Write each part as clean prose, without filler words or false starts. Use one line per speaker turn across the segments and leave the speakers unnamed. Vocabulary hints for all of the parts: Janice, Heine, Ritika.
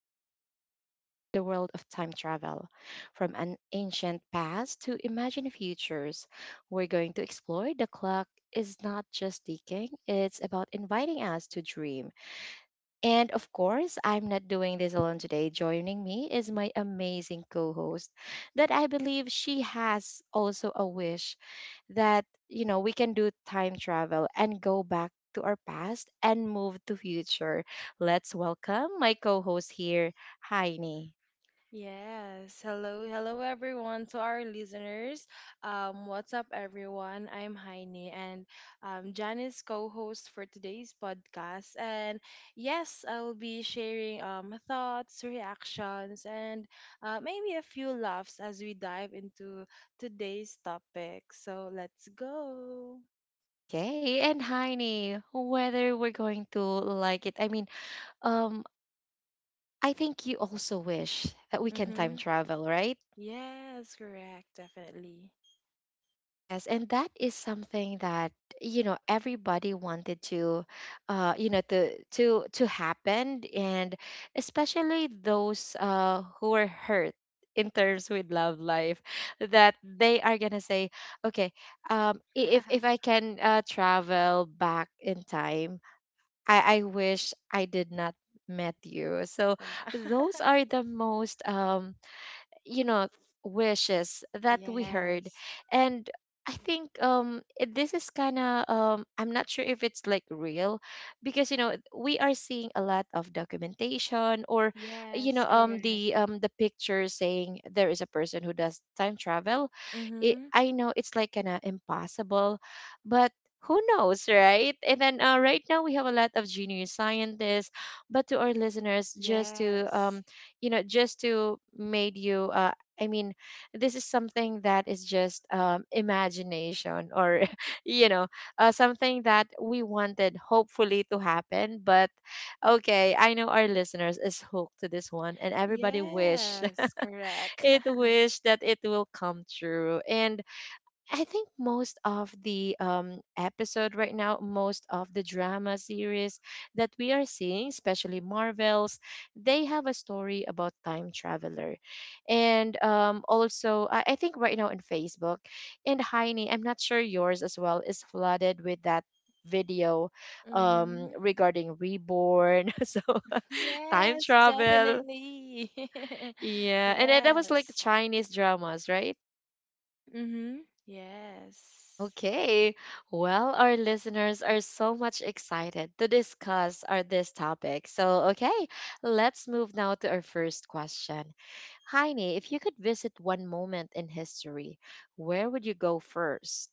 and step into the world of time travel. From an ancient past to imagined futures, we're going to explore the clock is not just ticking, it's about inviting us to dream. And of course, I'm not doing this alone today. Joining me is my amazing co host that I believe she has also a wish that we can do time travel and go back to our past and move to future. Let's welcome my co-host here, Heine.
Yes. Hello, hello everyone to our listeners. What's up everyone? I'm Heine and Janice co-host for today's podcast. And yes, I will be sharing thoughts, reactions, and maybe a few laughs as we dive into today's topic. So let's go.
Okay, and Heine, whether we're going to like it, I mean, um, I think you also wish that we can
Mm-hmm.
time travel, right?
Yes, correct, definitely.
Yes, and that is something that everybody wanted to to happen, and especially those who were hurt in terms with love life, that they are gonna say, okay, if I can travel back in time, I wish I did not met you. So
Wow.
those are the most you know wishes that we heard.
Yes.
And I think this is kind of I'm not sure if it's like real, because you know we are seeing a lot of documentation, or you know
Yes, correct.
the picture saying there is a person who does time travel. it,
Mm-hmm.
i know it's like kind of impossible, but who knows, right? And then right now we have a lot of junior scientists, but to our listeners, just to
Yes.
just to made you i mean this is something that is just imagination, or you know something that we wanted hopefully to happen. But okay, I know our listeners is hooked to this one and everybody wish
Yes, correct.
it wish that it will come true. And I think most of the episode right now, most of the drama series that we are seeing, especially Marvels, they have a story about time traveler. And also I think right now on Facebook, and Heine, I'm not sure yours as well, is flooded with that video
Mm-hmm.
regarding reborn, so time
Yes,
travel.
definitely.
Yeah, and then that was like
Yes.
Chinese dramas, right?
Mm-hmm. Yes.
Okay. Well, our listeners are so much excited to discuss our this topic. So, okay, let's move now to our first question. Heine, if you could visit one moment in history, where would you go first?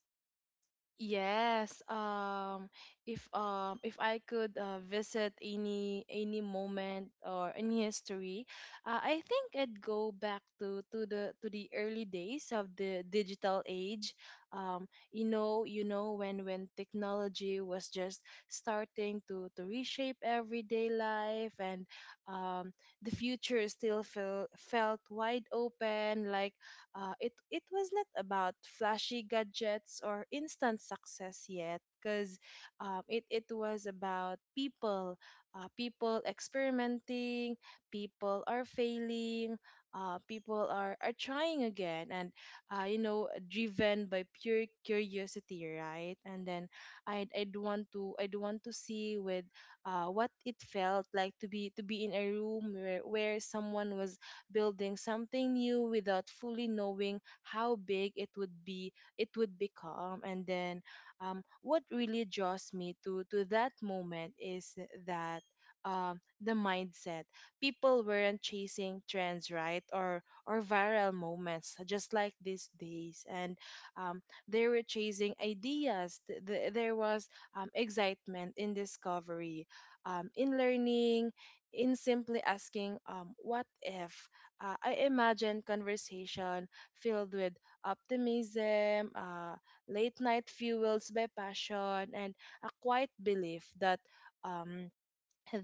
Yes, if I could visit any moment or any history, I think I'd go back to the early days of the digital age. You know, when technology was just starting to reshape everyday life, and um, the future still felt wide open, like it was not about flashy gadgets or instant success yet, because it was about people, people experimenting, people are failing, people are trying again, and you know, driven by pure curiosity, right? And then I would want to see with what it felt like to be in a room where someone was building something new without fully knowing how big it would become. And then what really draws me to that moment is that the mindset. People weren't chasing trends, right, or viral moments just like these days, and um, they were chasing ideas. There was excitement in discovery, in learning, in simply asking, what if? I imagine conversation filled with optimism, late night fuels by passion, and a quiet belief that um,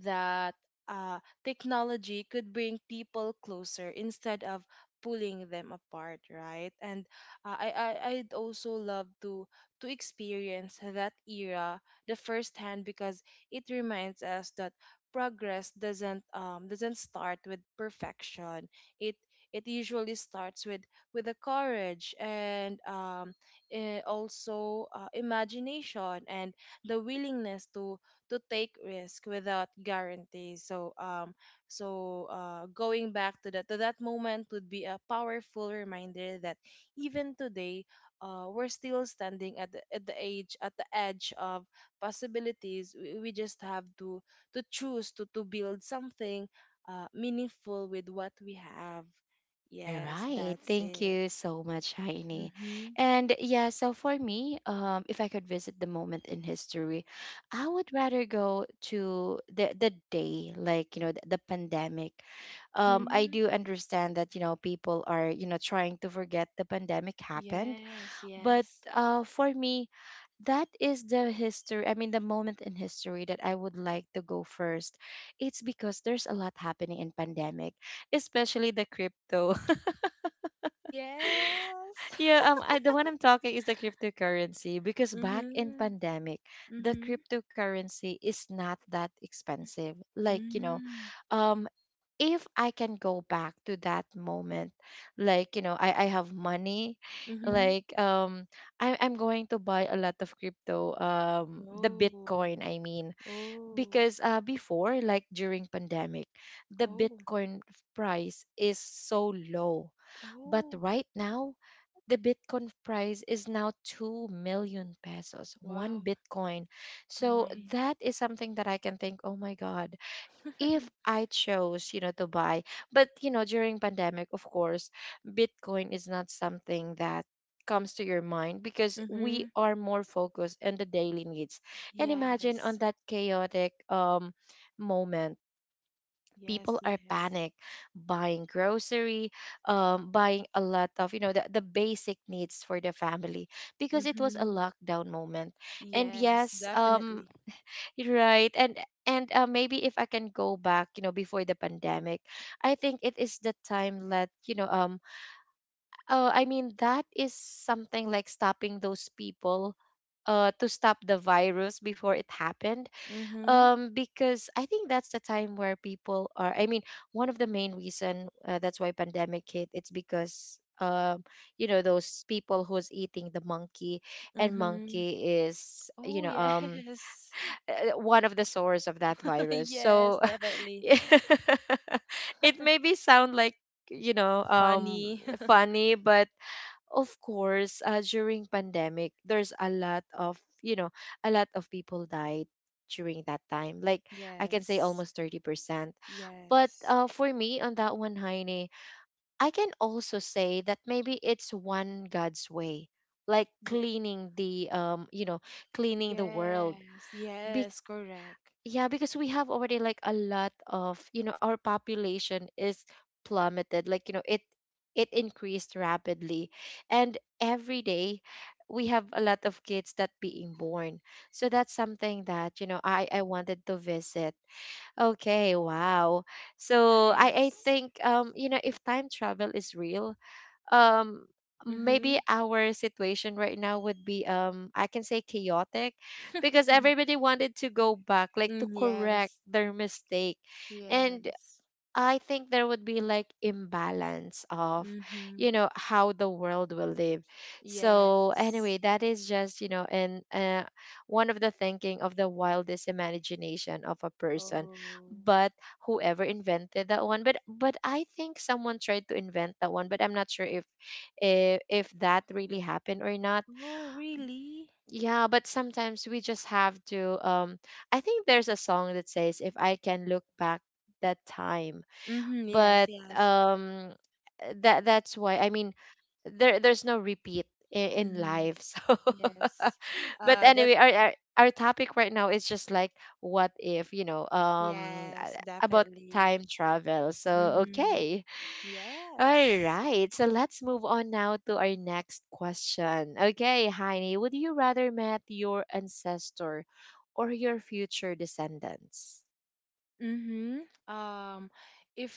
that uh, technology could bring people closer instead of pulling them apart, right? And uh, I, I, I'd also love to experience that era the first hand because it reminds us that progress doesn't start with perfection. it it usually starts with the courage and also imagination and the willingness to take risk without guarantees. So going back to that moment would be a powerful reminder that even today we're still standing at the age at the edge of possibilities. We just have to choose to build something meaningful with what we have.
All
Yes,
right.
that's
Thank
it.
you so much, Heine.
Mhm.
And yeah, so for me, if I could visit the moment in history, I would rather go to the day, like, you know, the pandemic. I
Mhm.
do understand that, you know, people are, you know, trying to forget the pandemic happened.
Yes,
But
yes.
for me, that is the history, I mean the moment in history, that I would like to go first. It's because there's a lot happening in pandemic, especially the crypto.
Yes.
Yeah, I, the one I'm talking is the cryptocurrency, because back in
Mhm.
pandemic, the
Mhm.
cryptocurrency is not that expensive. Like, you know,
Mm.
um, if I can go back to that moment, like, you know, I have money,
Mhm.
like, I'm going to buy a lot of crypto, the
Oh.
Bitcoin, I mean,
Oh.
because before, like during pandemic, the
Oh.
Bitcoin price is so low. But
Oh.
right now, the Bitcoin price is now 2 million pesos, one
Wow.
Bitcoin.
Oh
So
my.
that is something that I can think, oh my God, if I chose, you know, to buy. But, you know, during pandemic, of course, Bitcoin is not something that comes to your mind, because we
Mhm.
are more focused on the daily needs. And imagine on
Yes.
that chaotic moment,
Yes,
people are
yes.
panic buying grocery, buying a lot of, you know, the basic needs for the family, because it was a
Mhm.
lockdown moment. And
Yes,
yes,
definitely.
right and maybe if I can go back, you know, before the pandemic, I think it is the time that that is something like stopping those people to stop the virus before it happened.
Mhm.
Um, because I think that's the time where people are, I mean, one of the main reason that's why pandemic hit, it's because you know, those people who's eating the monkey, and
Mhm.
monkey is
Oh, yes.
one of the source of that virus. So
Yes, definitely.
it maybe sound like you know um
Funny.
funny, but of course during pandemic there's a lot of, you know, a lot of people died during that time. Like, I can say
Yes.
almost 30%. But
Yes.
for me on that one, Heine, I can also say that maybe it's one God's way, like
Yeah.
cleaning the cleaning the world.
Yes. Yes, correct.
Yeah, because we have already like a lot of, you know, our population is plummeted. Like, you know, it increased rapidly. And every day we have a lot of kids that being born. So that's something that, you know, I wanted to visit. Okay, wow. So I
Nice.
think you know, if time travel is real, um maybe
Mhm.
our situation right now would be I can say chaotic, because everybody wanted to go back, like, to
Mm,
correct
yes.
their mistake. And
Yes.
I think there would be like imbalance of,
Mm-hmm.
you know, how the world will live. So anyway,
Yes.
that is just, you know, and one of the thinking of the wildest imagination of a person.
Oh.
But whoever invented that one, but I think someone tried to invent that one, but I'm not sure if if that really happened or not.
Oh, really?
Yeah, but sometimes we just have to. I think there's a song that says, "If I can look back that time."
Mm-hmm. Yes,
But
yes.
that that's why, I mean, there's no repeat in, in
Mm-hmm.
life. so
Yes.
But
Uh, that,
anyway, our topic right now is just like, what if, you know,
yes,
about
definitely.
time travel. So
Mm-hmm.
okay, all
Yes.
right, so let's move on now to our next question. Okay, Heini, would you rather meet your ancestor or your future descendants?
Mm-hmm. Um, if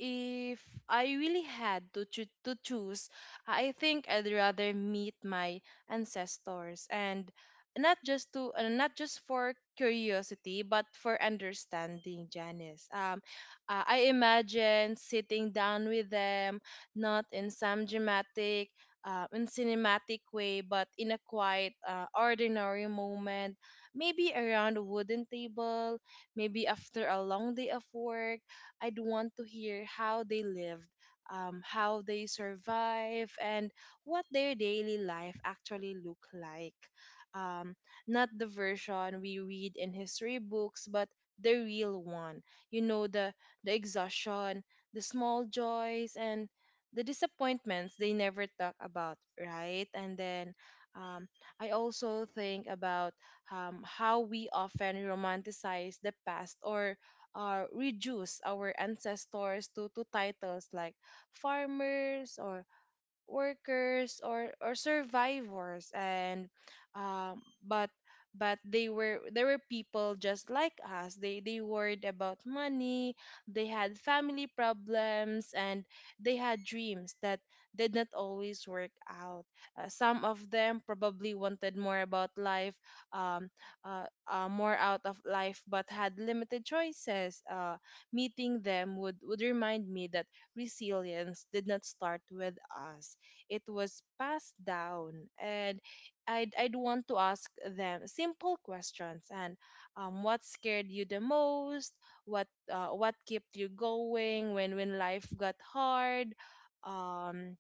if I really had to choose, I think I'd rather meet my ancestors, and not just to, not just for curiosity, but for understanding, Janice. I imagine sitting down with them, not in some dramatic, in cinematic way, but in a quiet, ordinary moment, maybe around a wooden table. Maybe after a long day of work, I'd want to hear how they lived, how they survive, and what their daily life actually look like. Um, Not the version we read in history books, but the real one. You know, the exhaustion, the small joys, and the disappointments they never talk about, right? And then um, I also think about how we often romanticize the past or reduce our ancestors to titles like farmers or workers or survivors. And um but but they were there were people just like us. They worried about money, they had family problems, and they had dreams that did not always work out. Some of them probably wanted more about life, um more out of life, but had limited choices. Meeting them would remind me that resilience did not start with us. It was passed down. And I'd want to ask them simple questions, and what scared you the most? What kept you going when life got hard? Um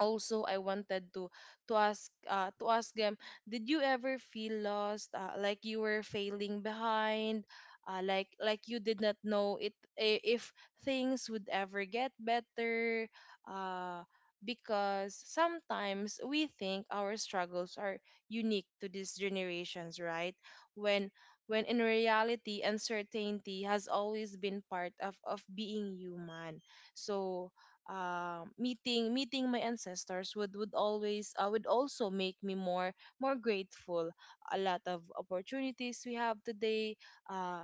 also I wanted to to ask them, did you ever feel lost, like you were failing behind, like you did not know if things would ever get better? uh, because sometimes we think our struggles are unique to these generations, right, when in reality uncertainty has always been part of being human. So meeting my ancestors would always would also make me more grateful. A lot of opportunities we have today, uh,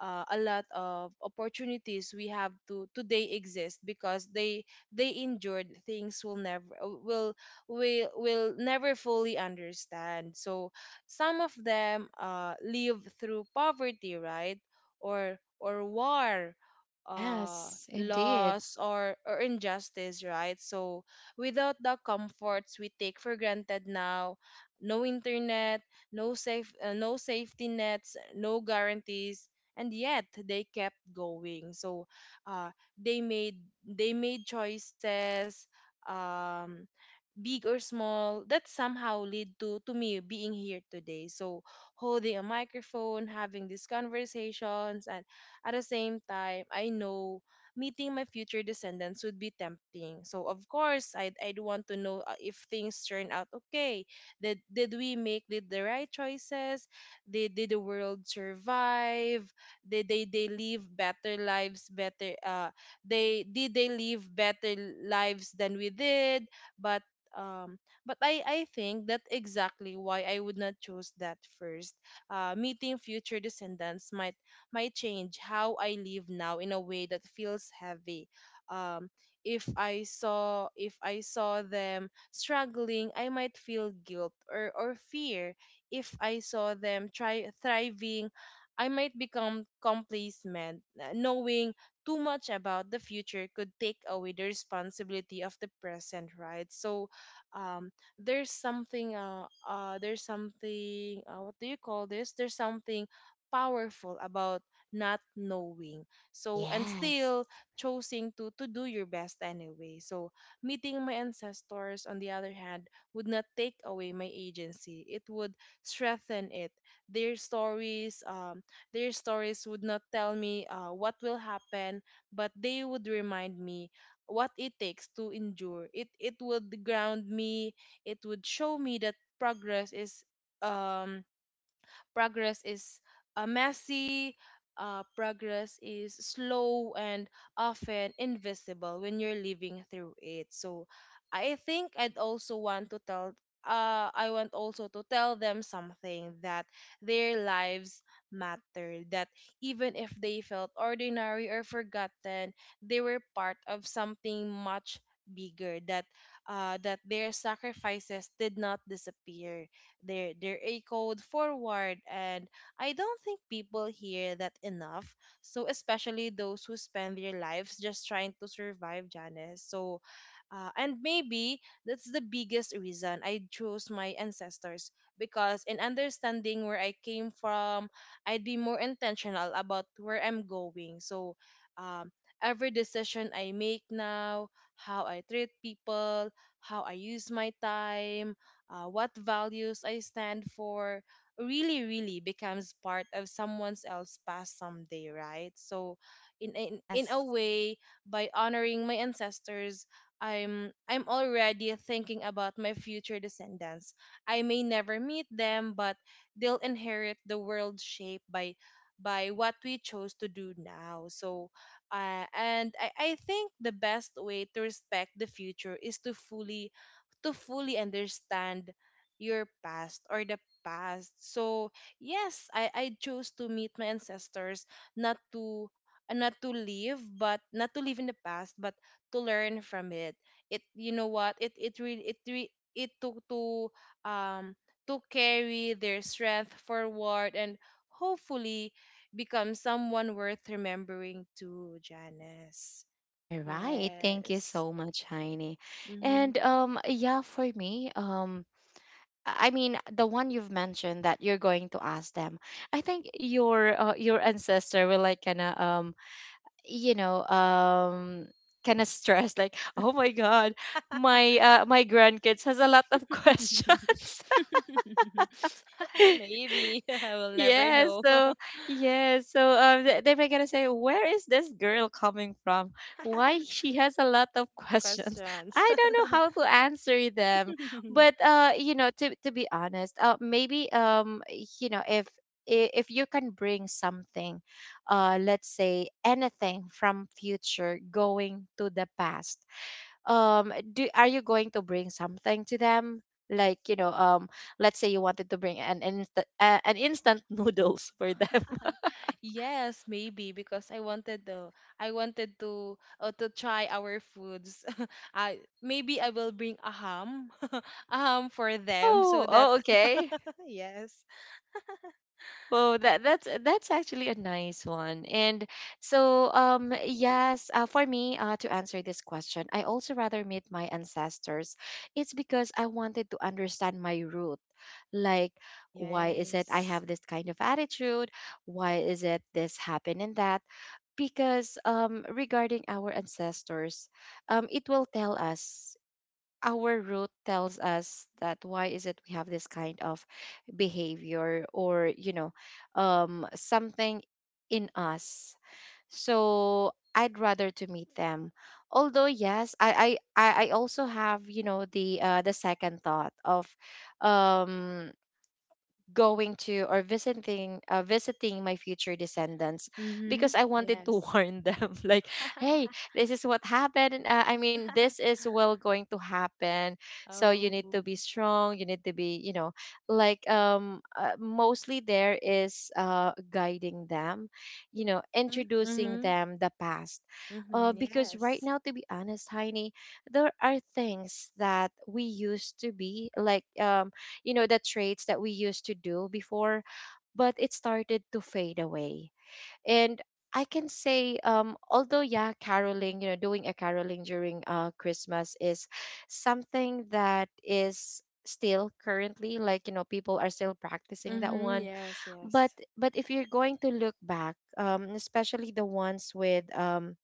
a lot of opportunities we have to today exist because they endured things will never will will never fully understand. So some of them live through poverty, right, or war, uh,
Yes, indeed.
loss, or injustice, right? So without the comforts we take for granted now, no internet, no safety nets, no guarantees, and yet they kept going. So uh, they made they made choices, um, big or small, that somehow lead to me being here today. So holding a microphone, having these conversations, and at the same time, I know meeting my future descendants would be tempting. So of course, I'd want to know if things turn out okay. Did we make Did the right choices? Did the world survive? Did they live better lives, better they did they live better lives than we did? but um but I think that exactly why I would not choose that first. Meeting future descendants might change how I live now in a way that feels heavy. um if I saw them struggling, I might feel guilt or fear. If I saw them try thriving, I might become complacent. Knowing too much about the future could take away the responsibility of the present, right? So, um, there's something what do you call this there's something powerful about not knowing, and
Yes,
still choosing to do your best anyway. So meeting my ancestors, on the other hand, would not take away my agency. It would strengthen it. Their stories, would not tell me what will happen, but they would remind me what it takes to endure. It would ground me. It would show me that progress is um Progress is messy, progress is slow and often invisible when you're living through it. So I think I'd also want to tell, I want also to tell them something, that their lives matter, that even if they felt ordinary or forgotten, they were part of something much bigger, that that their sacrifices did not disappear, they're a code forward, and I don't think people hear that enough. So especially those who spend their lives just trying to survive, Janice. So, and maybe that's the biggest reason I chose my ancestors, because in understanding where I came from, I'd be more intentional about where I'm going. So, um, every decision I make now, how I treat people, how I use my time, what values I stand for really, really becomes part of someone else's past someday, right? So, in a
yes.
way, by honoring my ancestors, I'm already thinking about my future descendants. I may never meet them, but they'll inherit the world shaped by what we chose to do now. So, I think the best way to respect the future is to fully understand your past or the past. So yes, I chose to meet my ancestors, not to not to live, but not to live in the past, but to learn from it. It you know what? It really it re- it took um to carry their strength forward and hopefully become someone worth remembering to Janice.
All right. Thank you
Yes.
so much, Heine.
Mm-hmm.
And yeah, for me, I mean the one you've mentioned that you're going to ask them. I think your ancestor will like kind of you know um kind of stressed, like, oh my God, my my grandkids has a lot of questions.
Maybe I will never
Yes,
know.
so yes, so they were gonna say, where is this girl coming from? Why she has a lot of questions?
Questions.
I don't know how to answer them. But you know, to be honest, maybe you know, if if you can bring something, let's say anything from future going to the past, do are you going to bring something to them, like, you know, let's say you wanted to bring an instant an instant noodles for them.
Yes, maybe because I wanted to try our foods. I maybe I will bring a ham a ham for them so
Oh,
that
oh, okay.
yes.
Well, that that's actually a nice one. And so yes, for me, to answer this question, I also rather meet my ancestors. It's because I wanted to understand my root. Like, why is it I
Yes.
have this kind of attitude? Why is it this happened and that? Because regarding our ancestors, it will tell us our root tells us that why is it we have this kind of behavior, or, you know, something in us. So I'd rather to meet them. Although yes, I also have, you know, the second thought of um going to or visiting visiting my future descendants,
Mhm.
because I wanted to
Yes.
warn them, like, hey, this is what happened, and, this is well going to happen. So you
Oh.
need to be strong, you need to be, you know, like, mostly there is guiding them, you know,
Mm-hmm.
introducing
Mm-hmm.
them the past.
Mhm.
Uh, because right
Yes.
now, to be honest, Heini, there are things that we used to be like, you know, the traits that we used to do before, but it started to fade away. And I can say although, yeah, caroling, you know, doing a caroling during Christmas, is something that is still currently, like, you know, people are still practicing that
Mhm.
one.
Yes.
but
Yes.
but if you're going to look back, especially the ones with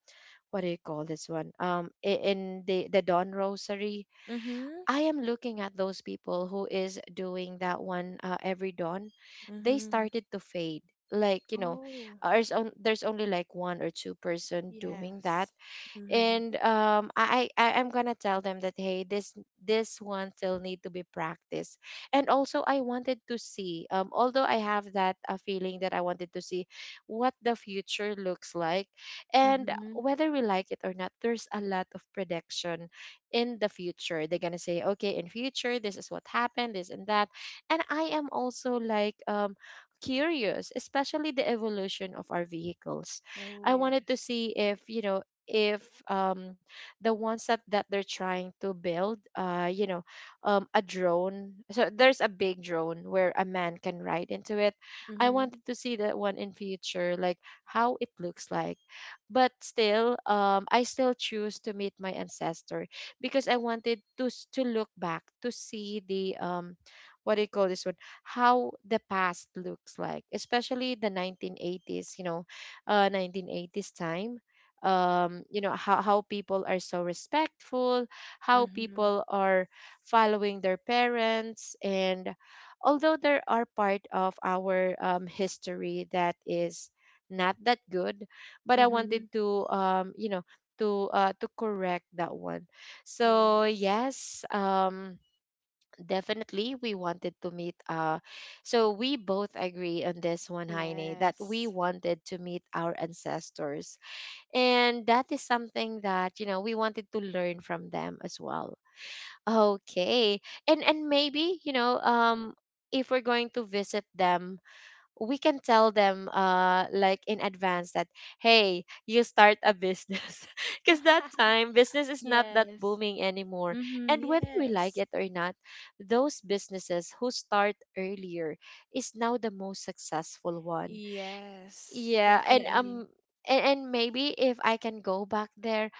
what do you call this one, in the dawn rosary.
Mhm.
I am looking at those people who is doing that one, every dawn. They
Mhm.
started to fade. Like you know,
Oh.
there's there's only like one or two-person doing that,
Yes. Mhm.
and I I'm gonna tell them that hey this one still need to be practiced. And also I wanted to see, although I have that feeling that I wanted to see what the future looks like. And
Mhm.
whether we like it or not, there's a lot of prediction in the future. They're gonna say okay, in future this is what happened, this and that. And I am also like, curious, especially the evolution of our vehicles.
Oh
I wanted to
yes.
see if you know, if um the ones that they're trying to build, you know, a drone. So there's a big drone where a man can ride into it. I
Mhm.
wanted to see that one in future, like how it looks like. But still, I still choose to meet my ancestor because I wanted to to look back to see the what do you call this one, how the past looks like, especially the 1980s, you know, 1980s time. You know how people are so respectful, how
Mhm.
people are following their parents. And although there are part of our history that is not that good, but I wanted
Mhm.
to, you know, to correct that one. So
Yes.
yes, definitely we wanted to meet, so we both agree on this one, Heine, that we
Yes.
wanted to meet our ancestors, and that is something that, you know, we wanted to learn from them as well. Okay. And maybe, you know, if we're going to visit them, we can tell them like in advance that, hey, you start a business. Because that time business is not that
Yes.
booming anymore.
Mhm.
And whether we like
Yes.
it or not, those businesses who start earlier is now the most successful one.
Yes.
Yeah, and
Definitely.
and maybe if I can go back there,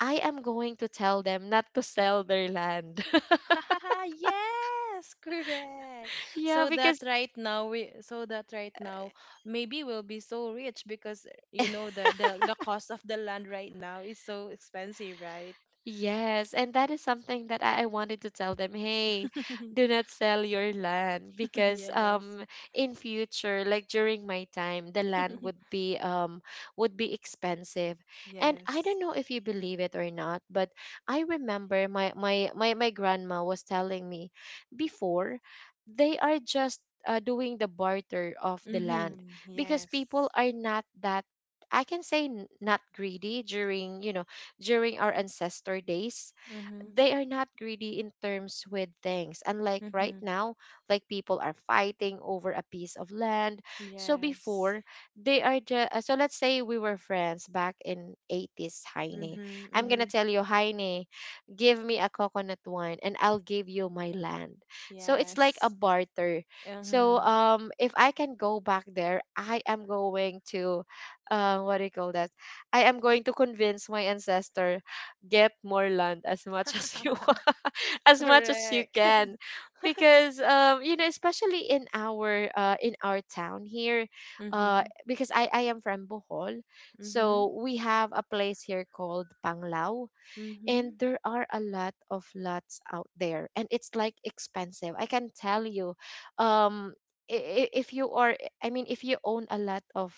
I am going to tell them not to sell their land.
Yes, correct.
Yeah,
So that
because
right now maybe we'll be so rich because you know the cost of the land right now is so expensive, right?
yes, and that is something that I wanted to tell them. Hey, do not sell your land because
Yes.
in future, like during my time, the land would be expensive. And I
Yes.
don't know if you believe it or not, but I remember my grandma was telling me before they are just, doing the barter of the land
Mhm.
because people
Yes.
are not that, I can say not greedy during, you know, during our ancestor days.
Mhm.
They are not greedy in terms with things. Unlike right
Mhm.
now, like people are fighting over a piece of land. So
Yes.
before, they are just, so let's say we were friends back in 80s, Heine.
Mhm.
I'm going to
Mhm.
tell you, Heine, give me a coconut wine and I'll give you my land. So it's like a
Yes.
barter. So
Mhm.
if I can go back there, I am going to, what do you call that? I am going to convince my ancestor, get more land, as much as you want, as much as you
Correct.
can, because you know, especially in our town here,
Mhm.
because I am from Bohol,
Mhm.
so we have a place here called Panglao,
Mhm.
and there are a lot of lots out there, and it's like expensive. I can tell you, um, if you are, I mean, if you own a lot of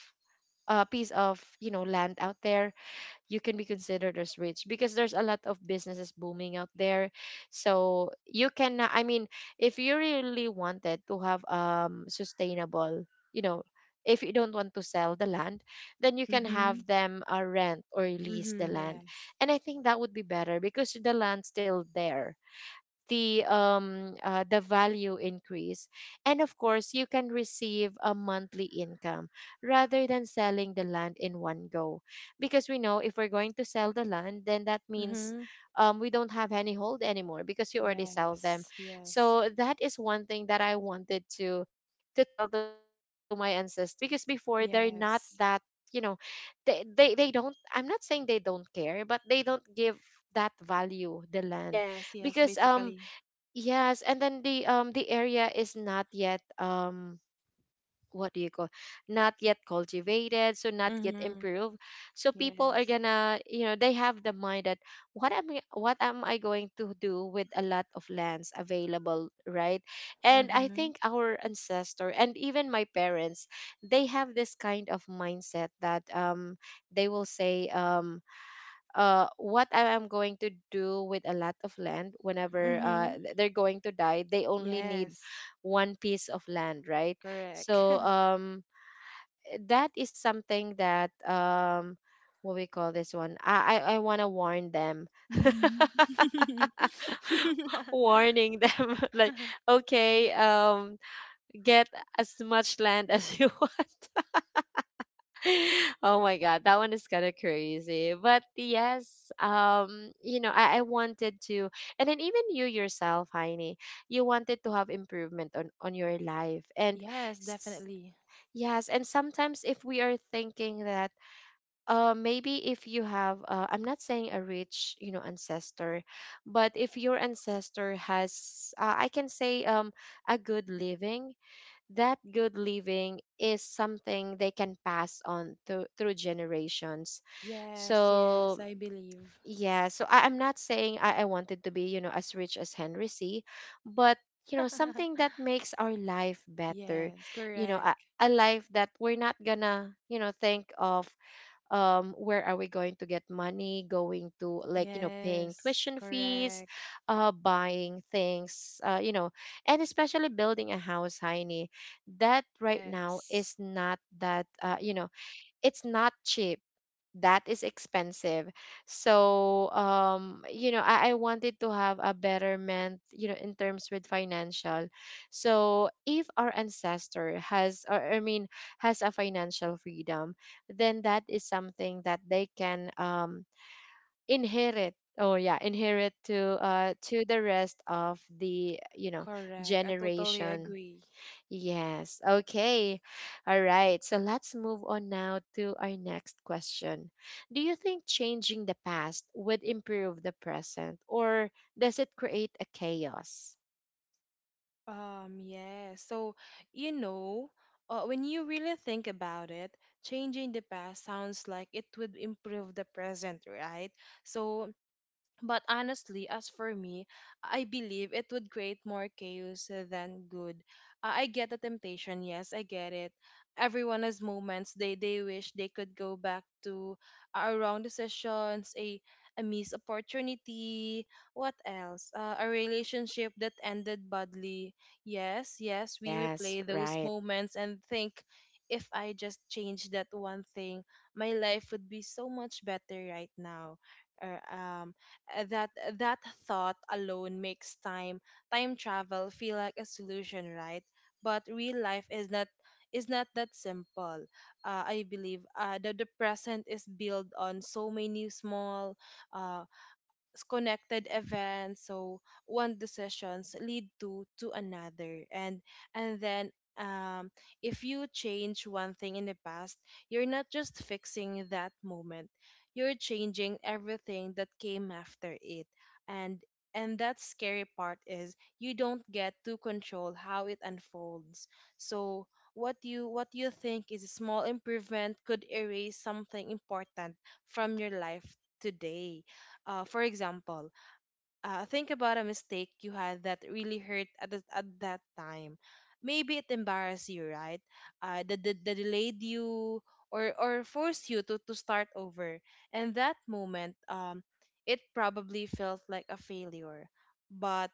a piece of you know land out there, you can be considered as rich because there's a lot of businesses booming out there. So you can, I mean, if you really wanted to have sustainable, you know, if you don't want to sell the land, then you can
Mhm.
have them, rent or lease the
Mm-hmm,
land.
yes.
And I think that would be better because the land's still there, the value increase, and of course you can receive a monthly income rather than selling the land in one go. Because we know, if we're going to sell the land, then that means,
Mm-hmm.
we don't have any hold anymore because you already sell them.
Yes. Yes.
So that is one thing that I wanted to tell to my ancestor, because before they're not that,
Yes.
you know, they don't, I'm not saying they don't care, but they don't give that value the land
Yes, yes,
because um.
basically.
Yes, and then the area is not yet um, what do you call, not yet cultivated, so not yet
Mm-hmm.
improved. So people are
Yes.
gonna, you know, they have the mind that, what am I going to do with a lot of lands available, right? And I
Mm-hmm.
think our ancestor and even my parents, they have this kind of mindset that they will say what I am going to do with a lot of land whenever
Mm-hmm.
they're going to die, they only need
Yes.
one piece of land, right?
Correct.
So that is something that what we call this one. I want to warn them,
Mm-hmm.
warning them like, okay, get as much land as you want. Oh my god, that one is kind of crazy. But yes, you know, I wanted to, and then even you yourself, Heine, you wanted to have improvement on your life, and
Yes,
s-
definitely.
yes, and sometimes if we are thinking that, maybe if you have, I'm not saying a rich, you know, ancestor, but if your ancestor has, I can say, a good living, that good living is something they can pass on through generations.
Yes, yes,
So
I believe.
yeah, so I'm not saying I wanted to be, you know, as rich as Henry C, but you know, something that makes our life better,
Yes,
you know,
correct.
a life that we're not gonna, you know, think of, where are we going to get money, going to like you know paying
Yes,
tuition fees,
correct.
buying things, you know, and especially building a house, Heine, that right now
Yes,
is not that you know, it's not cheap, that is expensive. So you know, I wanted to have a betterment, you know, in terms with financial. So if our ancestor has, or I mean, has a financial freedom, then that is something that they can inherit, oh yeah, inherit to the rest of the you know
correct. I totally
generation.
agree.
Yes. Okay. All right. So let's move on now to our next question. Do you think changing the past would improve the present, or does it create a chaos?
Yeah. So, you know, when you really think about it, changing the past sounds like it would improve the present, right? So, but honestly, as for me, I believe it would create more chaos than good. I get the temptation, yes, I get it. Everyone has moments they wish they could go back to, wrong decisions, a missed opportunity, what else? A relationship that ended badly. Yes, yes, we
Yes,
replay those
right.
moments and think, if I just change that one thing, my life would be so much better right now. Or, that thought alone makes time travel feel like a solution, right? But real life is not that simple. I believe, the present is built on so many small, uh, connected events. So one decisions lead to another, and then, um if you change one thing in the past, you're not just fixing that moment, you're changing everything that came after it. And and that scary part is, you don't get to control how it unfolds. So what you think is a small improvement could erase something important from your life today. For example, think about a mistake you had that really hurt at that time. Maybe it embarrassed you, right? That delayed you, or forced you to start over. And that moment, it probably felt like a failure. But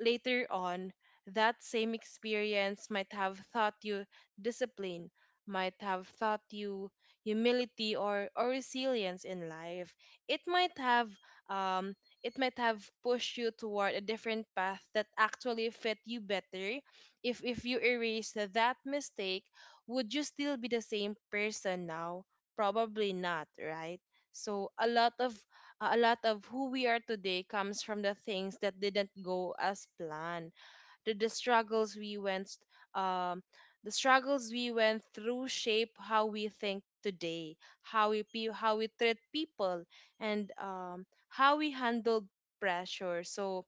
later on, that same experience might have taught you discipline, might have taught you humility or resilience in life. It might have um, it might have pushed you toward a different path that actually fit you better. If you erase that mistake, would you still be the same person now? Probably not, right? So a lot of who we are today comes from the things that didn't go as planned. Did the struggles we went um, the struggles we went through shape how we think today, how we treat people, and how we handle pressure. So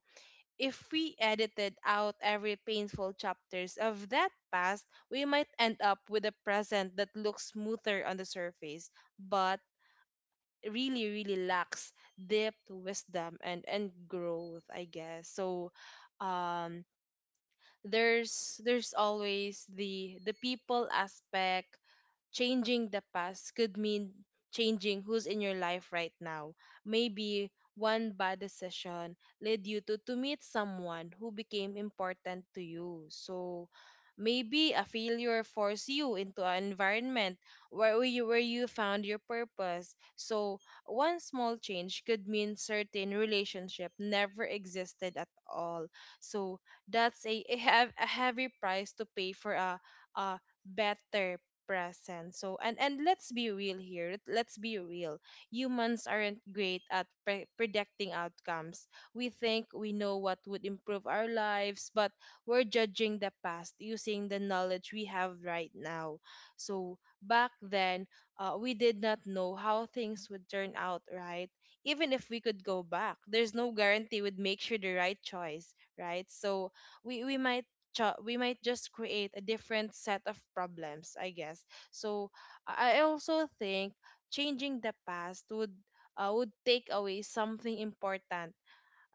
if we edited out every painful chapters of that past, we might end up with a present that looks smoother on the surface, but really lacks depth, wisdom, and growth. I guess so. Um, there's always the people aspect. Changing the past could mean changing who's in your life right now. Maybe one bad decision led you to meet someone who became important to you. So maybe a failure forced you into an environment where you found your purpose. So one small change could mean certain relationship never existed at all. So that's a heavy price to pay for a better present. So and let's be real here, let's be real. Humans aren't great at predicting outcomes. We think we know what would improve our lives, but we're judging the past using the knowledge we have right now. So back then, we did not know how things would turn out, right? Even if we could go back, there's no guarantee we'd make sure the right choice, right? So we we might we might just create a different set of problems, I guess. So I also think changing the past would, would take away something important,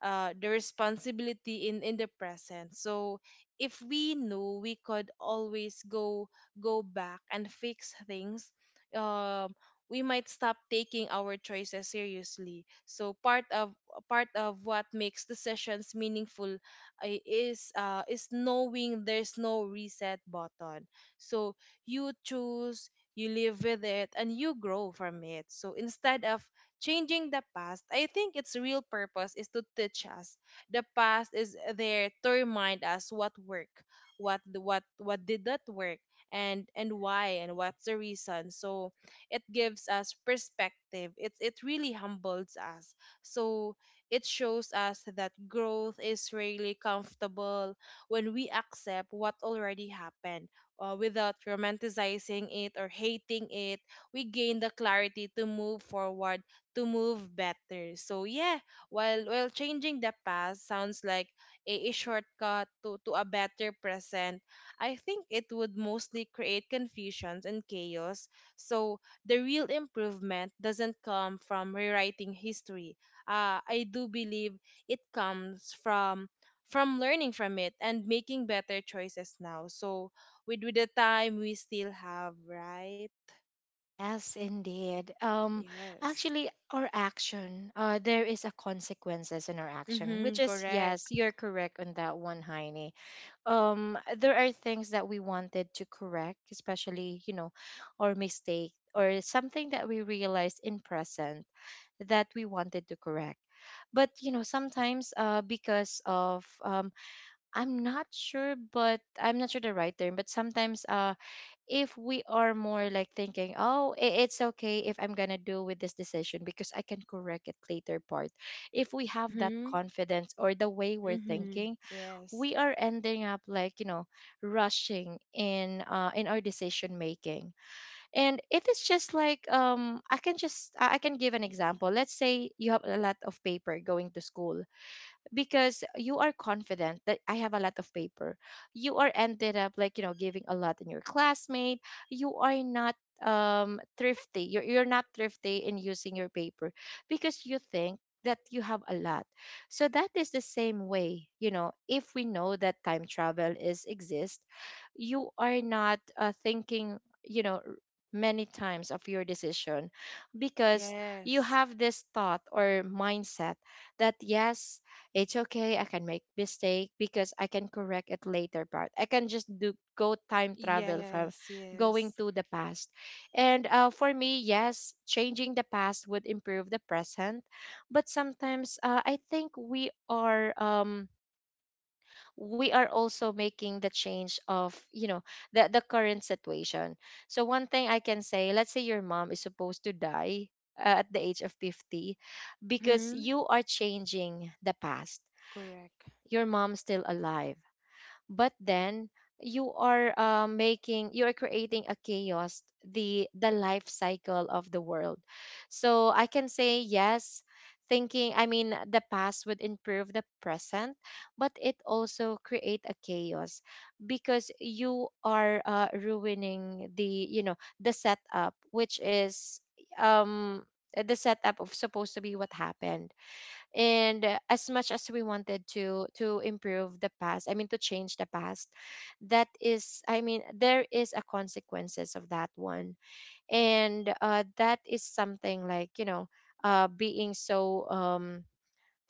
the responsibility in the present. So if we knew we could always go back and fix things, um we might stop taking our choices seriously. So part of what makes decisions meaningful is knowing there's no reset button. So you choose, you live with it, and you grow from it. So instead of changing the past, I think its real purpose is to teach us. The past is there to remind us what worked, what did not work, and why, and what's the reason. So it gives us perspective. It really humbles us. So it shows us that growth is really comfortable. When we accept what already happened, without romanticizing it or hating it, we gain the clarity to move forward, to move better. So yeah, while changing the past sounds like a shortcut to a better present, I think it would mostly create confusions and chaos. So the real improvement doesn't come from rewriting history. I do believe it comes from learning from it and making better choices now. So with the time we still have, right?
Yes, indeed.
Yes.
Actually, our action, there is a consequences in our action,
Mm-hmm,
which is yes,
correct.
you're correct on that one, Heine. Um, there are things that we wanted to correct, especially you know, or mistake or something that we realized in present that we wanted to correct. But you know, sometimes because of um, I'm not sure, but I'm not sure the right term, but sometimes uh, if we are more like thinking, oh it's okay, if I'm gonna do with this decision because I can correct it later part, if we have that
Mm-hmm.
confidence or the way we're
Mm-hmm.
thinking,
Yes.
we are ending up like, you know, rushing in our decision making. And it is just like um, I can just I can give an example. Let's say you have a lot of paper going to school because you are confident that I have a lot of paper. You are ended up like, you know, giving a lot in your classmate. You are not thrifty. You're not thrifty in using your paper because you think that you have a lot. So that is the same way, you know, if we know that time travel is exist, you are not, thinking, you know, r- many times of your decision, because you
Yes.
have this thought or mindset that yes, it's okay. I can make mistake because I can correct it later part. I can just do go time travel from
Yes.
going
Yes.
to the past. And for me, yes, changing the past would improve the present, but sometimes I think we are um, we are also making the change of you know the current situation. So one thing I can say, let's say your mom is supposed to die at the age of 50
Mm-hmm.
because you are changing the past,
Correct.
your mom's still alive, but then you are making, you are creating a chaos, the life cycle of the world. So I can say yes, thinking, I mean the past would improve the present, but it also create a chaos because you are ruining the, the setup which is um the setup of supposed to be what happened. And as much as we wanted to improve the past, I mean to change the past, that is, I mean there is a consequences of that one. And that is something like, being so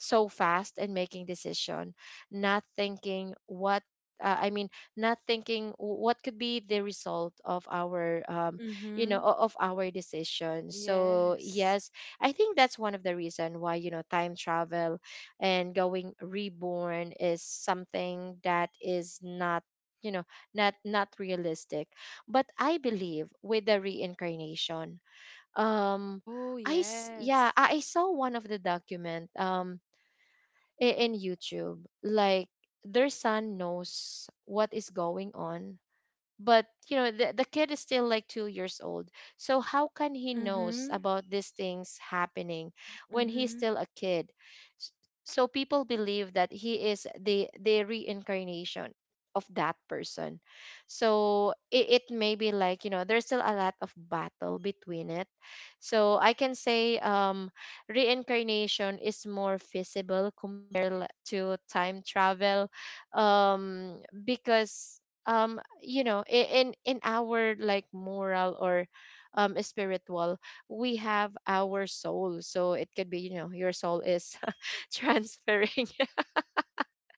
so fast and making decision, not thinking what, I mean not thinking what could be the result of our
Mm-hmm.
of our decision. So
Yes.
yes, I think that's one of the reason why, you know, time travel and going reborn is something that is not, you know, not realistic, but I believe with the reincarnation. um
Oh,
yeah,
yes.
I saw one of the document in YouTube. Like, their son knows what is going on, but you know the kid is still like 2 years old. So how can he knows
Mm-hmm.
about these things happening when he's
Mm-hmm.
still a kid? S- So people believe that he is the reincarnation of that person. So it may be like, you know, there's still a lot of battle between it. So I can say reincarnation is more feasible to time travel because you know, in our like moral or spiritual, we have our soul. So it could be, you know, your soul is transferring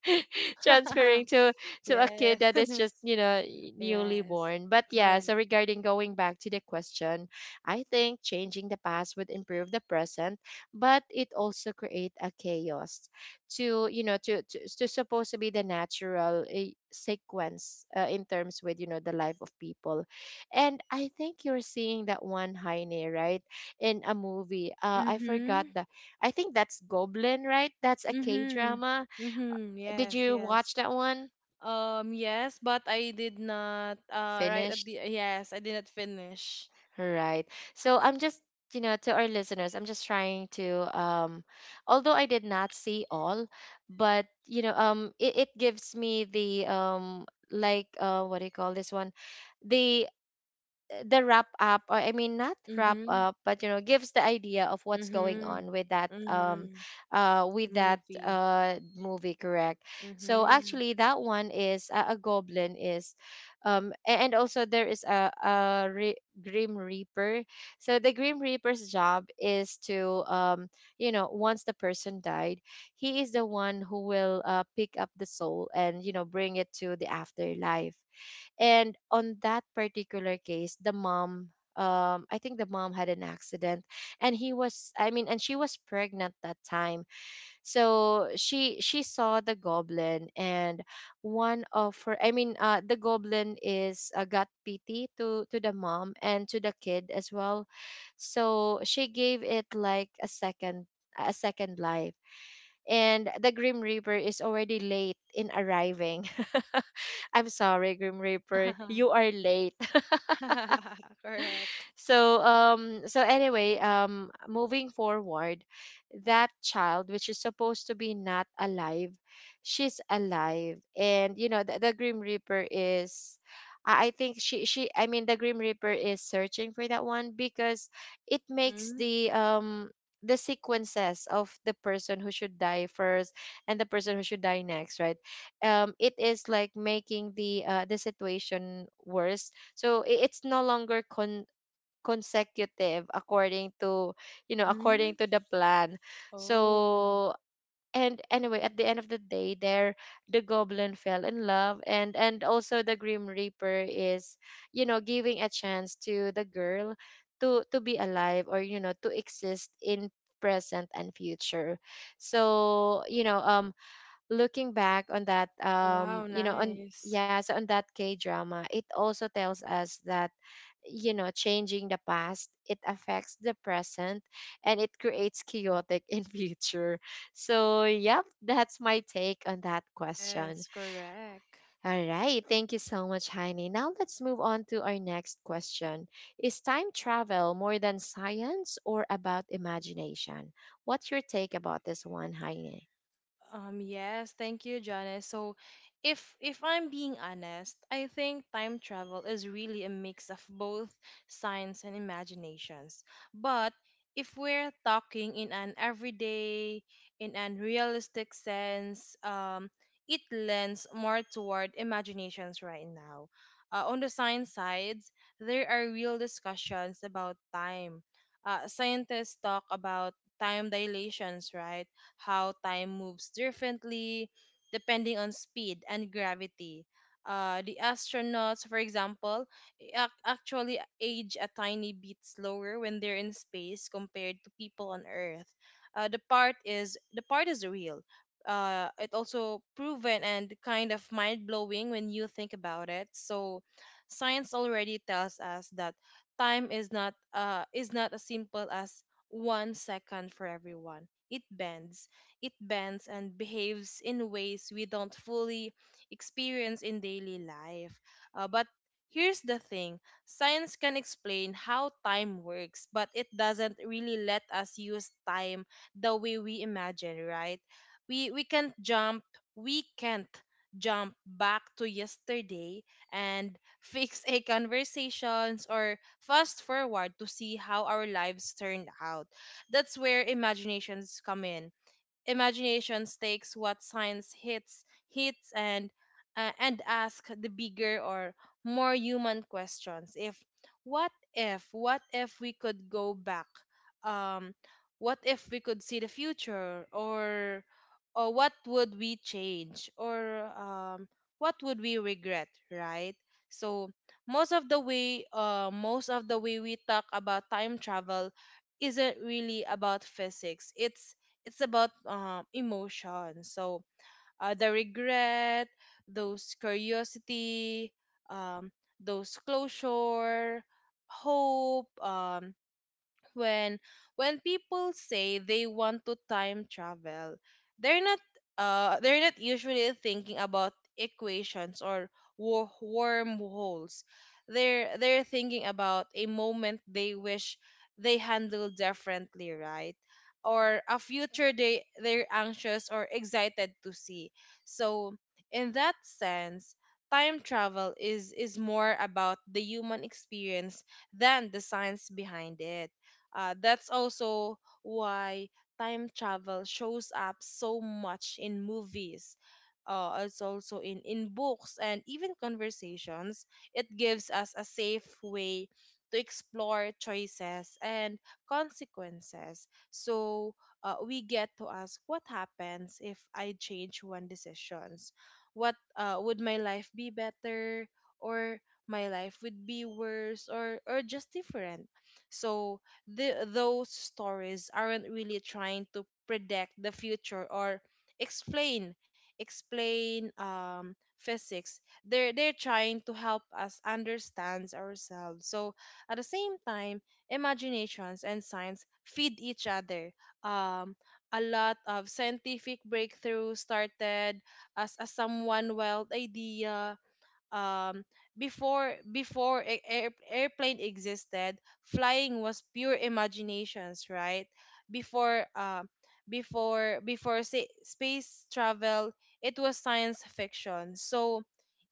transferring to a kid
Yes.
that is just, you know, newly
Yes.
born. But yeah,
Correct.
so regarding going back to the question, I think changing the past would improve the present, but it also create a chaos to, you know, to supposed to be the natural eh, sequence in terms with, you know, the life of people. And I think you're seeing that one, Heine, right, in a movie, uh, I forgot
Mm-hmm.
the, I think that's Goblin, right? That's a K
Mm-hmm.
drama.
Mm-hmm.
Did
Yes,
you watch
yes.
that one?
Yes, but I did not,
Finished?
yes, I did not finish.
Right. So I'm just, to our listeners, I'm just trying to although I did not see all, but you know, it gives me the like uh, what do you call this one? The the wrap up, or I mean, not wrap
Mm-hmm.
up, but you know, gives the idea of what's going
Mhm.
on
Mhm.
with that
Movie.
movie. Correct. So
Mhm.
actually that one is a goblin is and also there is a grim reaper. So the grim reaper's job is to you know, once the person died, he is the one who will pick up the soul and, you know, bring it to the afterlife. And on that particular case, the mom, I think the mom had an accident, and he was, I mean, and she was pregnant that time. So she saw the goblin, and one of her, I mean, the goblin is got pity to the mom and to the kid as well. So she gave it like a second, a second life, and the grim reaper is already late in arriving. I'm sorry, Grim Reaper, you are late.
Correct.
So so anyway, moving forward, that child which is supposed to be not alive, she's alive, and you know the grim reaper is, I think she I mean, the Grim Reaper is searching for that one because it makes
Mhm.
the sequences of the person who should die first and the person who should die next, right? It is like making the situation worse. So it's no longer con consecutive according to, you know, according
Mhm.
to the plan.
Oh.
So and anyway, at the end of the day, there, the goblin fell in love, and also the grim reaper is, you know, giving a chance to the girl to be alive, or you know, to exist in present and future. So you know looking back on that
Wow,
you know, on
nice.
yeah, so on that K drama, it also tells us that, you know, changing the past, it affects the present, and it creates chaotic in future. So yep, that's my take on that question.
Yes, correct.
All right, thank you so much, Heini. Now let's move on to our next question. Is time travel more than science or about imagination? What's your take about this one, Heini?
Yes, thank you, Janice. So, if I'm being honest, I think time travel is really a mix of both science and imaginations. But if we're talking in an realistic sense, it lends more toward imaginations right now. On the science sides, there are real discussions about time. Scientists talk about time dilations, right? How time moves differently depending on speed and gravity. The astronauts, for example, actually age a tiny bit slower when they're in space compared to people on Earth. The part is real. It also proven and kind of mind blowing when you think about it. So, science already tells us that time is not as simple as 1 second for everyone. It bends it bends and behaves in ways we don't fully experience in daily life. But here's the thing. Science can explain how time works, but it doesn't really let us use time the way we imagine, right? We we can't jump we can't jump back to yesterday and fix a conversations or fast forward to see how our lives turned out. That's where imaginations come in. Imagination takes what science hits and, and ask the bigger or more human questions. If what if what if we could go back, um what if we could see the future, or what would we change, or what would we regret, right? So most of the way most of the way we talk about time travel isn't really about physics. It's about, emotion. So, the regret, those curiosity, um, those closure, hope, when when people say they want to time travel, they're not they're not usually thinking about equations or wormholes. They're thinking about a moment they wish they handled differently, right? Or a future they're anxious or excited to see. So in that sense, time travel is more about the human experience than the science behind it. That's also why time travel shows up so much in movies. It's also in books and even conversations. It gives us a safe way to explore choices and consequences. So, we get to ask, what happens if I change one decisions? What Would my life be better? Or my life would be worse, or just different. So those stories aren't really trying to predict the future or explain explain physics. They're trying to help us understand ourselves. So at the same time, imaginations and science feed each other. Um, a lot of scientific breakthroughs started as a someone wild idea, um, before airplane existed. Flying was pure imaginations, right? Before uh, before before say, space travel, it was science fiction. So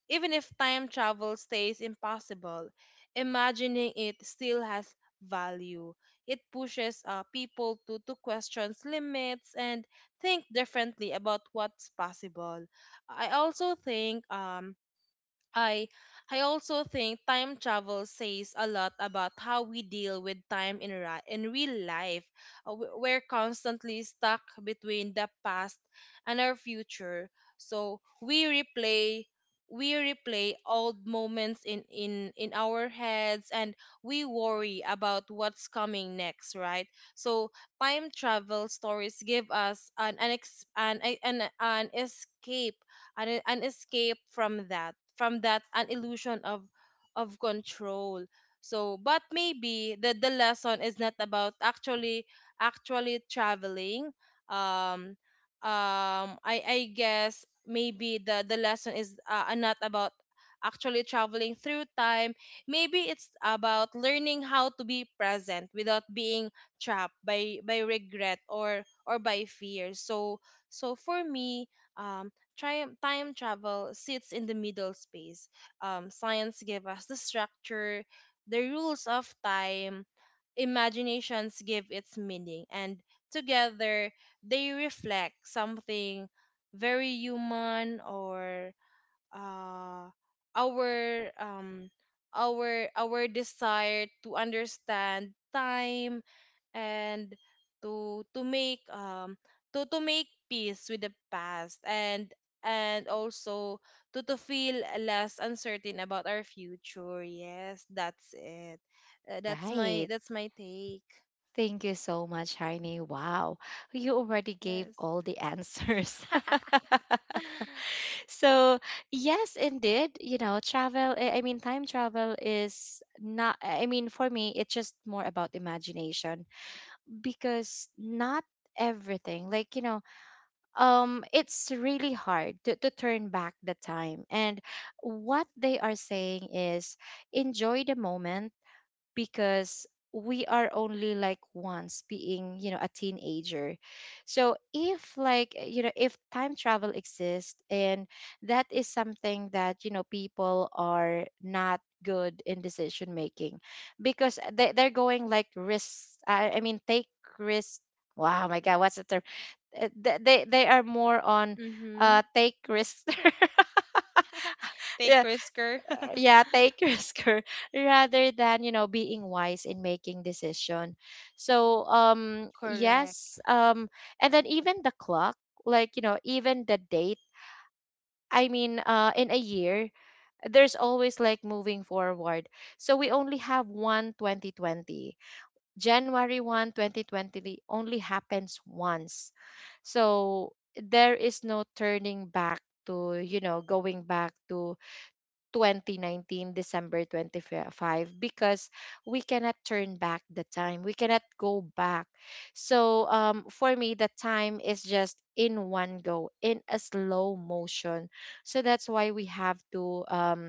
even if time travel stays impossible, imagining it still has value. It pushes, people to question limits and think differently about what's possible. I also think um I I also think time travel says a lot about how we deal with time in real life. We're constantly stuck between the past and our future. So we replay old moments in our heads, and we worry about what's coming next, right? So time travel stories give us an escape, from that, an illusion of control. So, but maybe the lesson is not about actually traveling. Um um i i guess maybe the lesson is, not about actually traveling through time. Maybe it's about learning how to be present without being trapped by regret or by fear. So so for me, um time travel sits in the middle space. Science gave us the structure, the rules of time, imaginations give its meaning, and together they reflect something very human or uh, our um our desire to understand time and to to make um to make peace with the past and also to feel less uncertain about our future. Yes, that's it.
All
That's
right.
my take.
Thank you so much, Heine. Wow, you already gave
Yes.
all the answers. So yes, indeed, you know, travel, I mean, time travel is not, I mean, for me, it's just more about imagination, because not everything like, you know, it's really hard to turn back the time. And what they are saying is, enjoy the moment, because we are only like once being, you know, a teenager. So if like eh, you know, if time travel exists, and that is something that, you know, people are not good in decision making because eh, they're going like risks, I mean, take risks. Wow, my god, what's the term? They are more on uh,
Mhm.
take risks.
Take
Yeah,
risker.
yeah, take risker, rather than, you know, being wise in making decision. So yes,
Correct.
and then even the clock, like, you know, even the date, I mean, uh, in a year, there's always like moving forward. So we only have one 2020. January 1 2020 only happens once. So there is no turning back to, you know, going back to 2019 December 25, because we cannot turn back the time. We cannot go back. So for me the time is just in one go, in a slow motion. So that's why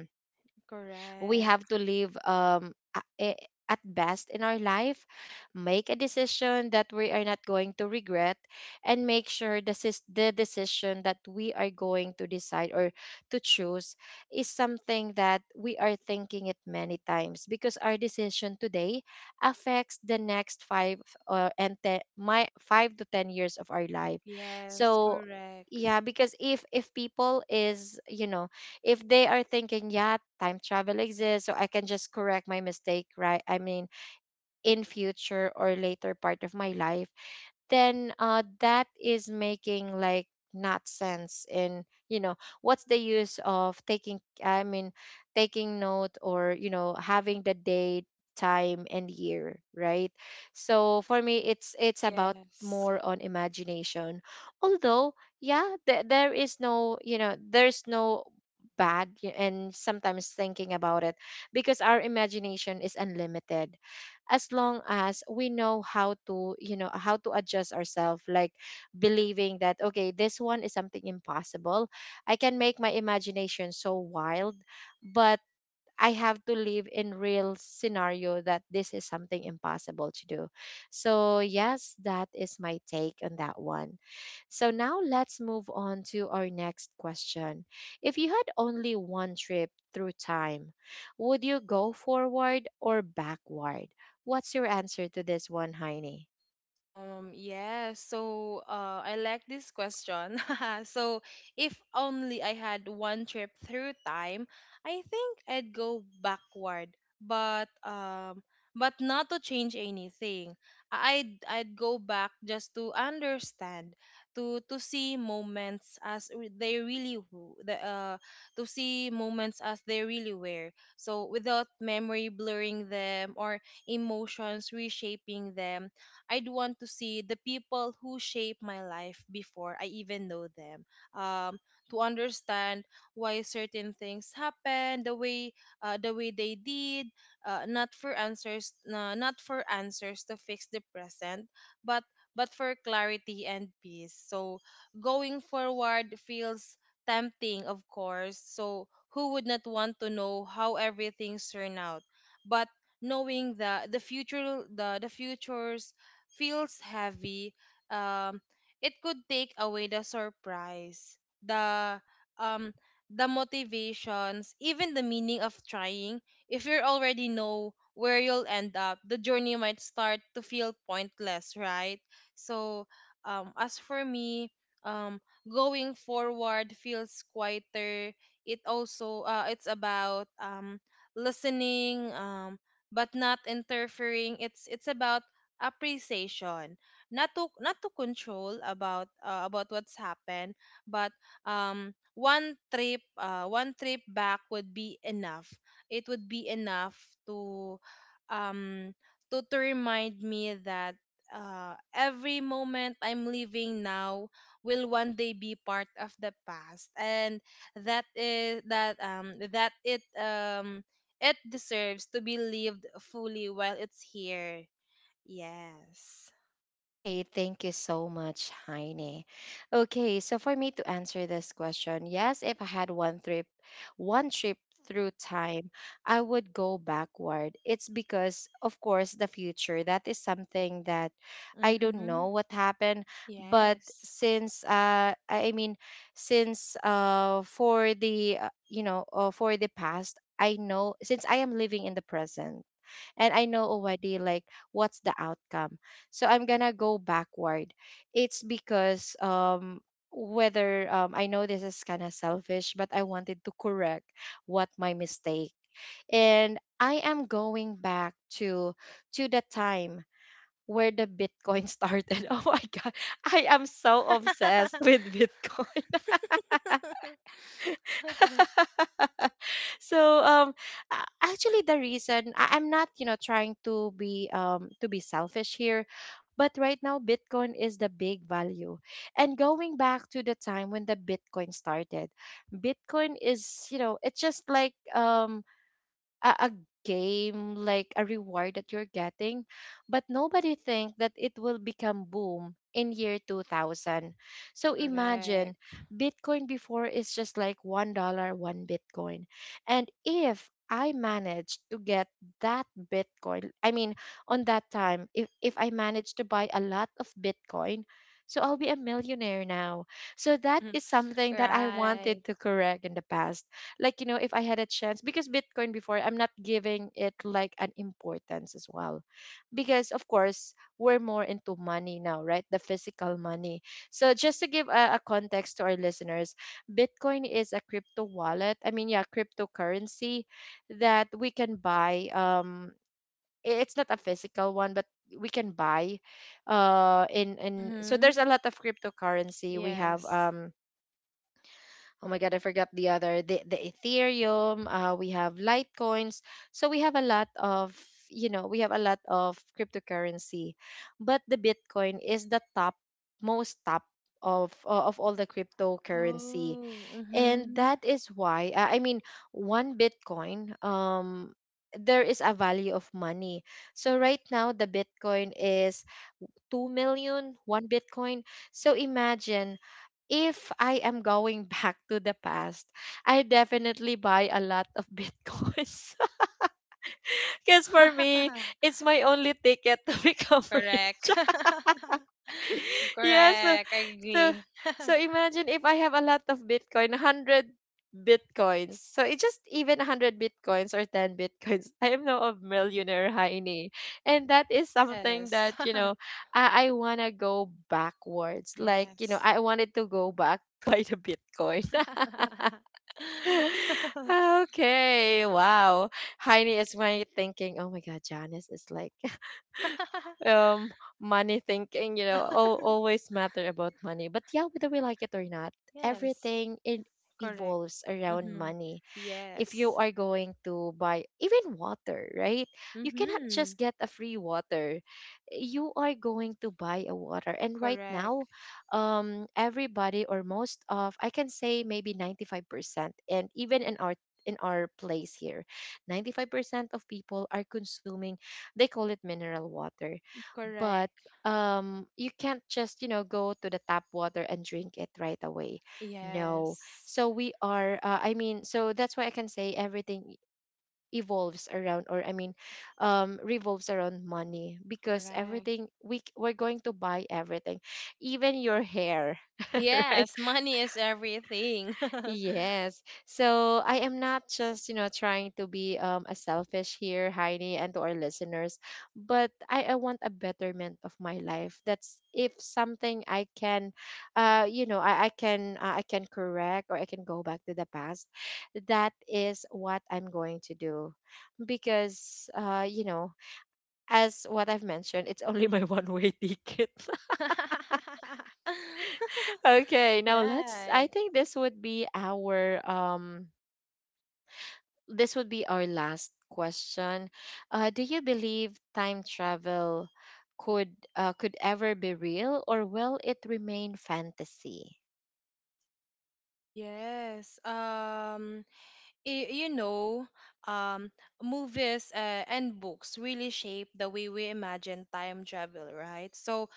we have
Correct.
to live at best in our life, make a decision that we are not going to regret, and make sure this is the decision that we are going to decide or to choose is something that we are thinking it many times, because our decision today affects the next five and my 5 to 10 years of our life.
Yes,
So
correct.
yeah, because if people is, you know, if they are thinking, yeah, time travel exists, so I can just correct my mistake, right? I mean, in future or later part of my life, then that is making like not sense in, you know, what's the use of taking, I mean, taking note, or you know, having the date, time and year, right? So for me, it's about
Yes.
more on imagination, although yeah, there is no, you know, there's no bad and sometimes thinking about it, because our imagination is unlimited, as long as we know how to, you know, how to adjust ourselves, like believing that, okay, this one is something impossible. I can make my imagination so wild, but I have to live in real scenario that this is something impossible to do. So yes, that is my take on that one. So now let's move on to our next question. If you had only one trip through time, would you go forward or backward? What's your answer to this one, Heine?
Yeah. So I like this question. So, if only I had one trip through time, I think I'd go backward, but um, but not to change anything. I'd go back just to understand, to see moments as re- they really w- the to see moments as they really were. So, without memory blurring them or emotions reshaping them, I'd want to see the people who shape my life before I even know them. Um, to understand why certain things happen, the way they did, not for answers, not for answers to fix the present, but but for clarity and peace. So going forward feels tempting, of course. So who would not want to know how everything's turned out? But knowing the futures feels heavy, um, it could take away the surprise, the um, the motivations, even the meaning of trying. If you already know where you'll end up, the journey might start to feel pointless, right? So, as for me, um, going forward feels quieter. It also it's about listening, but not interfering. It's about appreciation, not to control about what's happened, but one trip back would be enough. It would be enough to um remind me that every moment I'm living now will one day be part of the past, and that is that that it it deserves to be lived fully while it's here. Yes.
Hi, thank you so much, Heine. Okay, so for me to answer this question, yes, if I had one trip through time, I would go backward. It's because, of course, the future, that is something that I don't know
Mm-hmm.
what happened, but
Yes.
since uh, I mean, since uh, for the you know, for the past, I know, since I am living in the present, and I know already like what's the outcome. So I'm gonna go backward. It's because whether I know this is kind of selfish, but I wanted to correct what my mistake, and I am going back to to the time where the Bitcoin started. Oh my god, I am so obsessed with Bitcoin. So actually the reason I'm not, you know, trying to be um, to be selfish here, but right now Bitcoin is the big value. And going back to the time when the Bitcoin started, Bitcoin is, you know, it's just like a game like a reward that you're getting, but nobody think that it will become boom in year 2000. So imagine,
Correct.
Bitcoin before is just like $1, one Bitcoin. And if I managed to get that Bitcoin, I mean on that time, if I managed to buy a lot of Bitcoin, so I'll be a millionaire now. So that is something that I
Right.
wanted to correct in the past. Like, you know, if I had a chance, because Bitcoin before, I'm not giving it like an importance as well, because of course we're more into money now, right, the physical money. So just to give a context to our listeners, Bitcoin is a crypto wallet, I mean yeah, cryptocurrency that we can buy it's not a physical one, but we can buy uh, in so there's
Mm-hmm.
a lot of cryptocurrency. We have
Yes.
oh my God, I forgot the other. The Ethereum, we have Litecoins. So we have a lot of, we have a lot of cryptocurrency. But the Bitcoin is the most top of all the cryptocurrency.
Oh,
And
mm-hmm.
that is why, one Bitcoin, there is a value of money. So right now, the Bitcoin is 2 million, one Bitcoin. So imagine if I am going back to the past, I definitely buy a lot of bitcoins. Because for me, it's my only ticket to become rich.
Correct.
Yeah,
Correct. I
so
agree.
so imagine if I have a lot of bitcoin, 100 bitcoins. So it just even 100 bitcoins or 10 bitcoins. I am now a millionaire, heini. And that is something
Yes.
that, I want to go backwards. Like, you know,
Yes.
I wanted to go back to buy the bitcoin. Okay, wow. Heini is money thinking. Oh my God, Janice is like um money thinking. You know, al always matter about money. But yeah, whether we like it or not,
Yes.
everything it
Correct.
evolves around
Mm-hmm.
money if you
Yes.
are going to buy even water, right? You cannot
Mm-hmm.
just get a free water. You are going to buy a water. And right now,
Correct.
everybody or most of, I can say maybe 95%, and even in our place here 95% of people are consuming, they call it mineral water. But
Correct.
you can't just, you know, go to the tap water and drink it right away. No.
Yes.
So we are so that's why I can say everything evolves around, or I mean, revolves around money, because
Correct.
everything we're going to buy everything, even your hair. Right.
Yes, money is everything.
Yes. So I am not just, you know, trying to be a selfish here, Heidi, and to our listeners, but I want a betterment of my life. That's if something I can you know, I can correct, or I can go back to the past. That is what I'm going to do. Because you know, as what I've mentioned, it's only my one-way ticket. Okay, now let's, I
Right.
think this would be our last question. Do you believe time travel could ever be real, or will it remain fantasy?
Yes. You know, um, movies and books really shape the way we imagine time travel, right? So,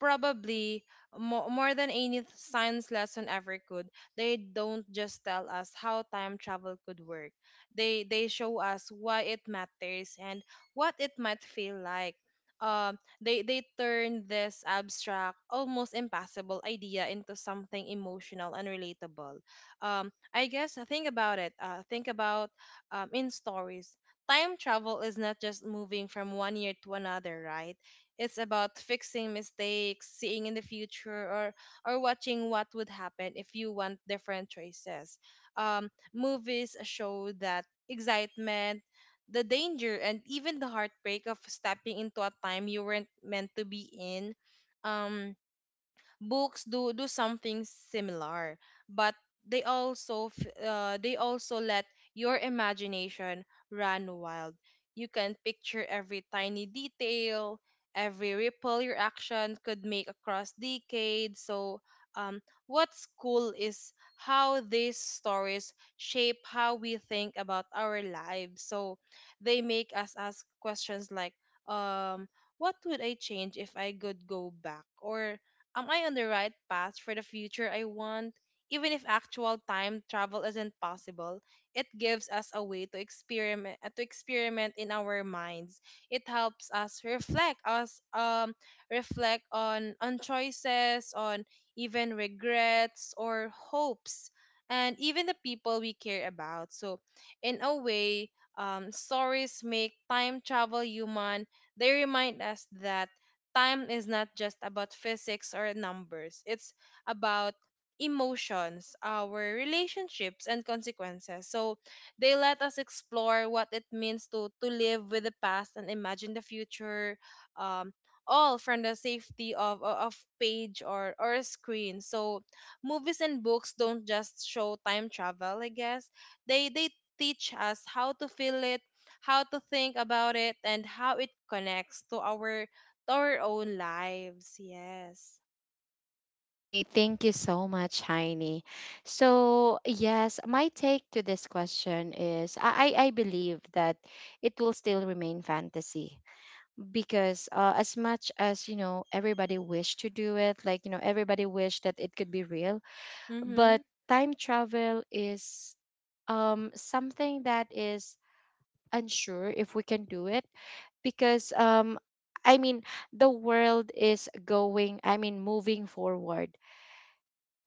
probably more than science lesson ever could, they don't just tell us how time travel could work. They show us why it matters and what it might feel like. Um, they turn this abstract, almost impossible idea into something emotional and relatable. I guess think about it. Think about in stories. Time travel is not just moving from one year to another, right? It's about fixing mistakes, seeing in the future, or watching what would happen if you want different choices. Movies show that excitement, the danger, and even the heartbreak of stepping into a time you weren't meant to be in. Um, Books do do something similar, but they also they also let your imagination run wild. You can picture every tiny detail, every ripple your action could make across decades. So what's cool is how these stories shape how we think about our lives. So they make us ask questions like um what would I change if I could go back? Or am I on the right path for the future I want? Even if actual time travel isn't possible, it gives us a way to experiment, to experiment in our minds. It helps us reflect on choices, on even regrets or hopes and even the people we care about. So in a way, stories make time travel human. They remind us that time is not just about physics or numbers, it's about emotions, our relationships, and consequences. So they let us explore what it means to live with the past and imagine the future, um, all from the safety of, o- of page or a screen. So movies and books don't just show time travel, I guess. They teach us how to feel it, how to think about it, and how it connects to our own lives. Yes.
Hey, thank you so much, Heini. So, yes, my take to this question is I believe that it will still remain fantasy because as much as, you know, everybody wish to do it, like, you know, everybody wish that it could be real,
Mm-hmm.
but time travel is something that is unsure if we can do it because I mean, the world is going, I mean, moving forward.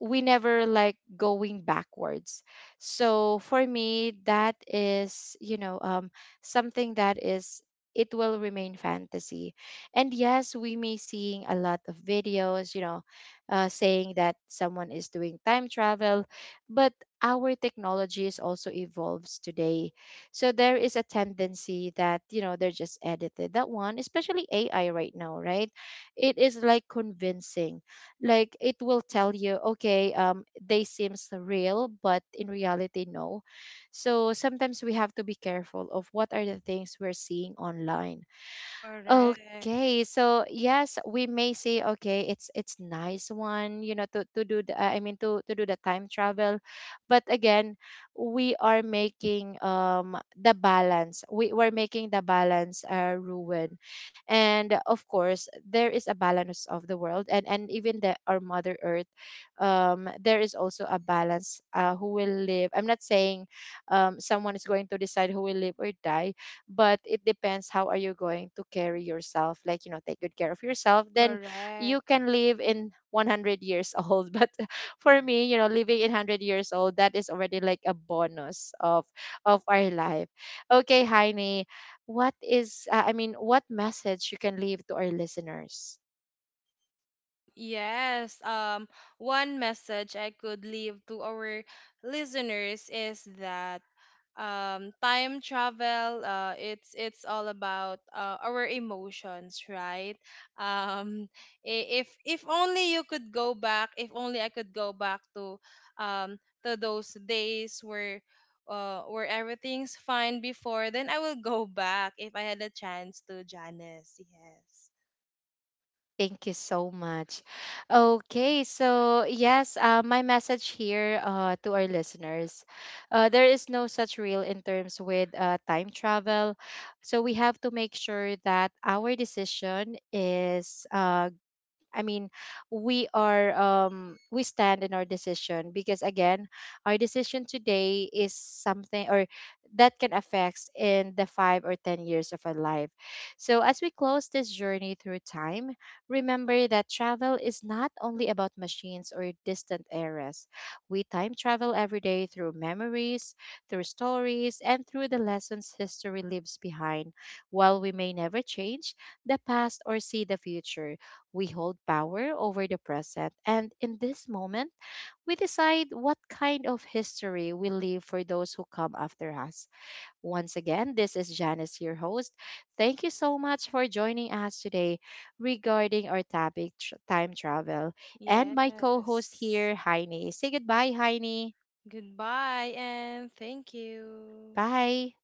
We never like going backwards. So for me, that is, you know, something that is, it will remain fantasy. And yes, we may seeing a lot of videos, you know, saying that someone is doing time travel, but our technology is also evolves today. So there is a tendency that, you know, they're just edited. That one, especially AI right now, right? It is like convincing, like it will tell you, okay, they seems real, but in reality, no. So sometimes we have to be careful of what are the things we're seeing online.
Correct.
Okay, so yes, we may say, okay, it's nice one, you know, to do the, to do the time travel, but again, we are making the balance. We're making the balance ruin, and of course there is a balance of the world, and even the our Mother Earth, there is also a balance. Who will live? I'm not saying, someone is going to decide who will live or die, but it depends how are you going to carry yourself, like, you know, take good care of yourself, then you
Correct.
can live in 100 years old. But for me, you know, living in 100 years old, that is already like a bonus of our life. Okay, Heine, what is what message you can leave to our listeners?
Yes, one message I could leave to our listeners is that time travel, it's all about our emotions, right? Um, if only you could go back, if only I could go back um, to those days where everything's fine before, then I will go back if I had a chance to, Janice.
Thank you so much. Okay, so yes, my message here to our listeners, there is no such real in terms with time travel. So we have to make sure that our decision is I mean, we are we stand in our decision, because again, our decision today is something or that can affect in the 5 or 10 years of our life. So as we close this journey through time, remember that travel is not only about machines or distant eras. We time travel every day through memories, through stories, and through the lessons history leaves behind. While we may never change the past or see the future, we hold power over the present, and in this moment, we decide what kind of history we leave for those who come after us. Once again, this is Janice, your host. Thank you so much for joining us today regarding our topic, time travel. And
Yes.
my co host
Yes.
here, Heine. Say goodbye, Heine.
Goodbye and thank you.
Bye.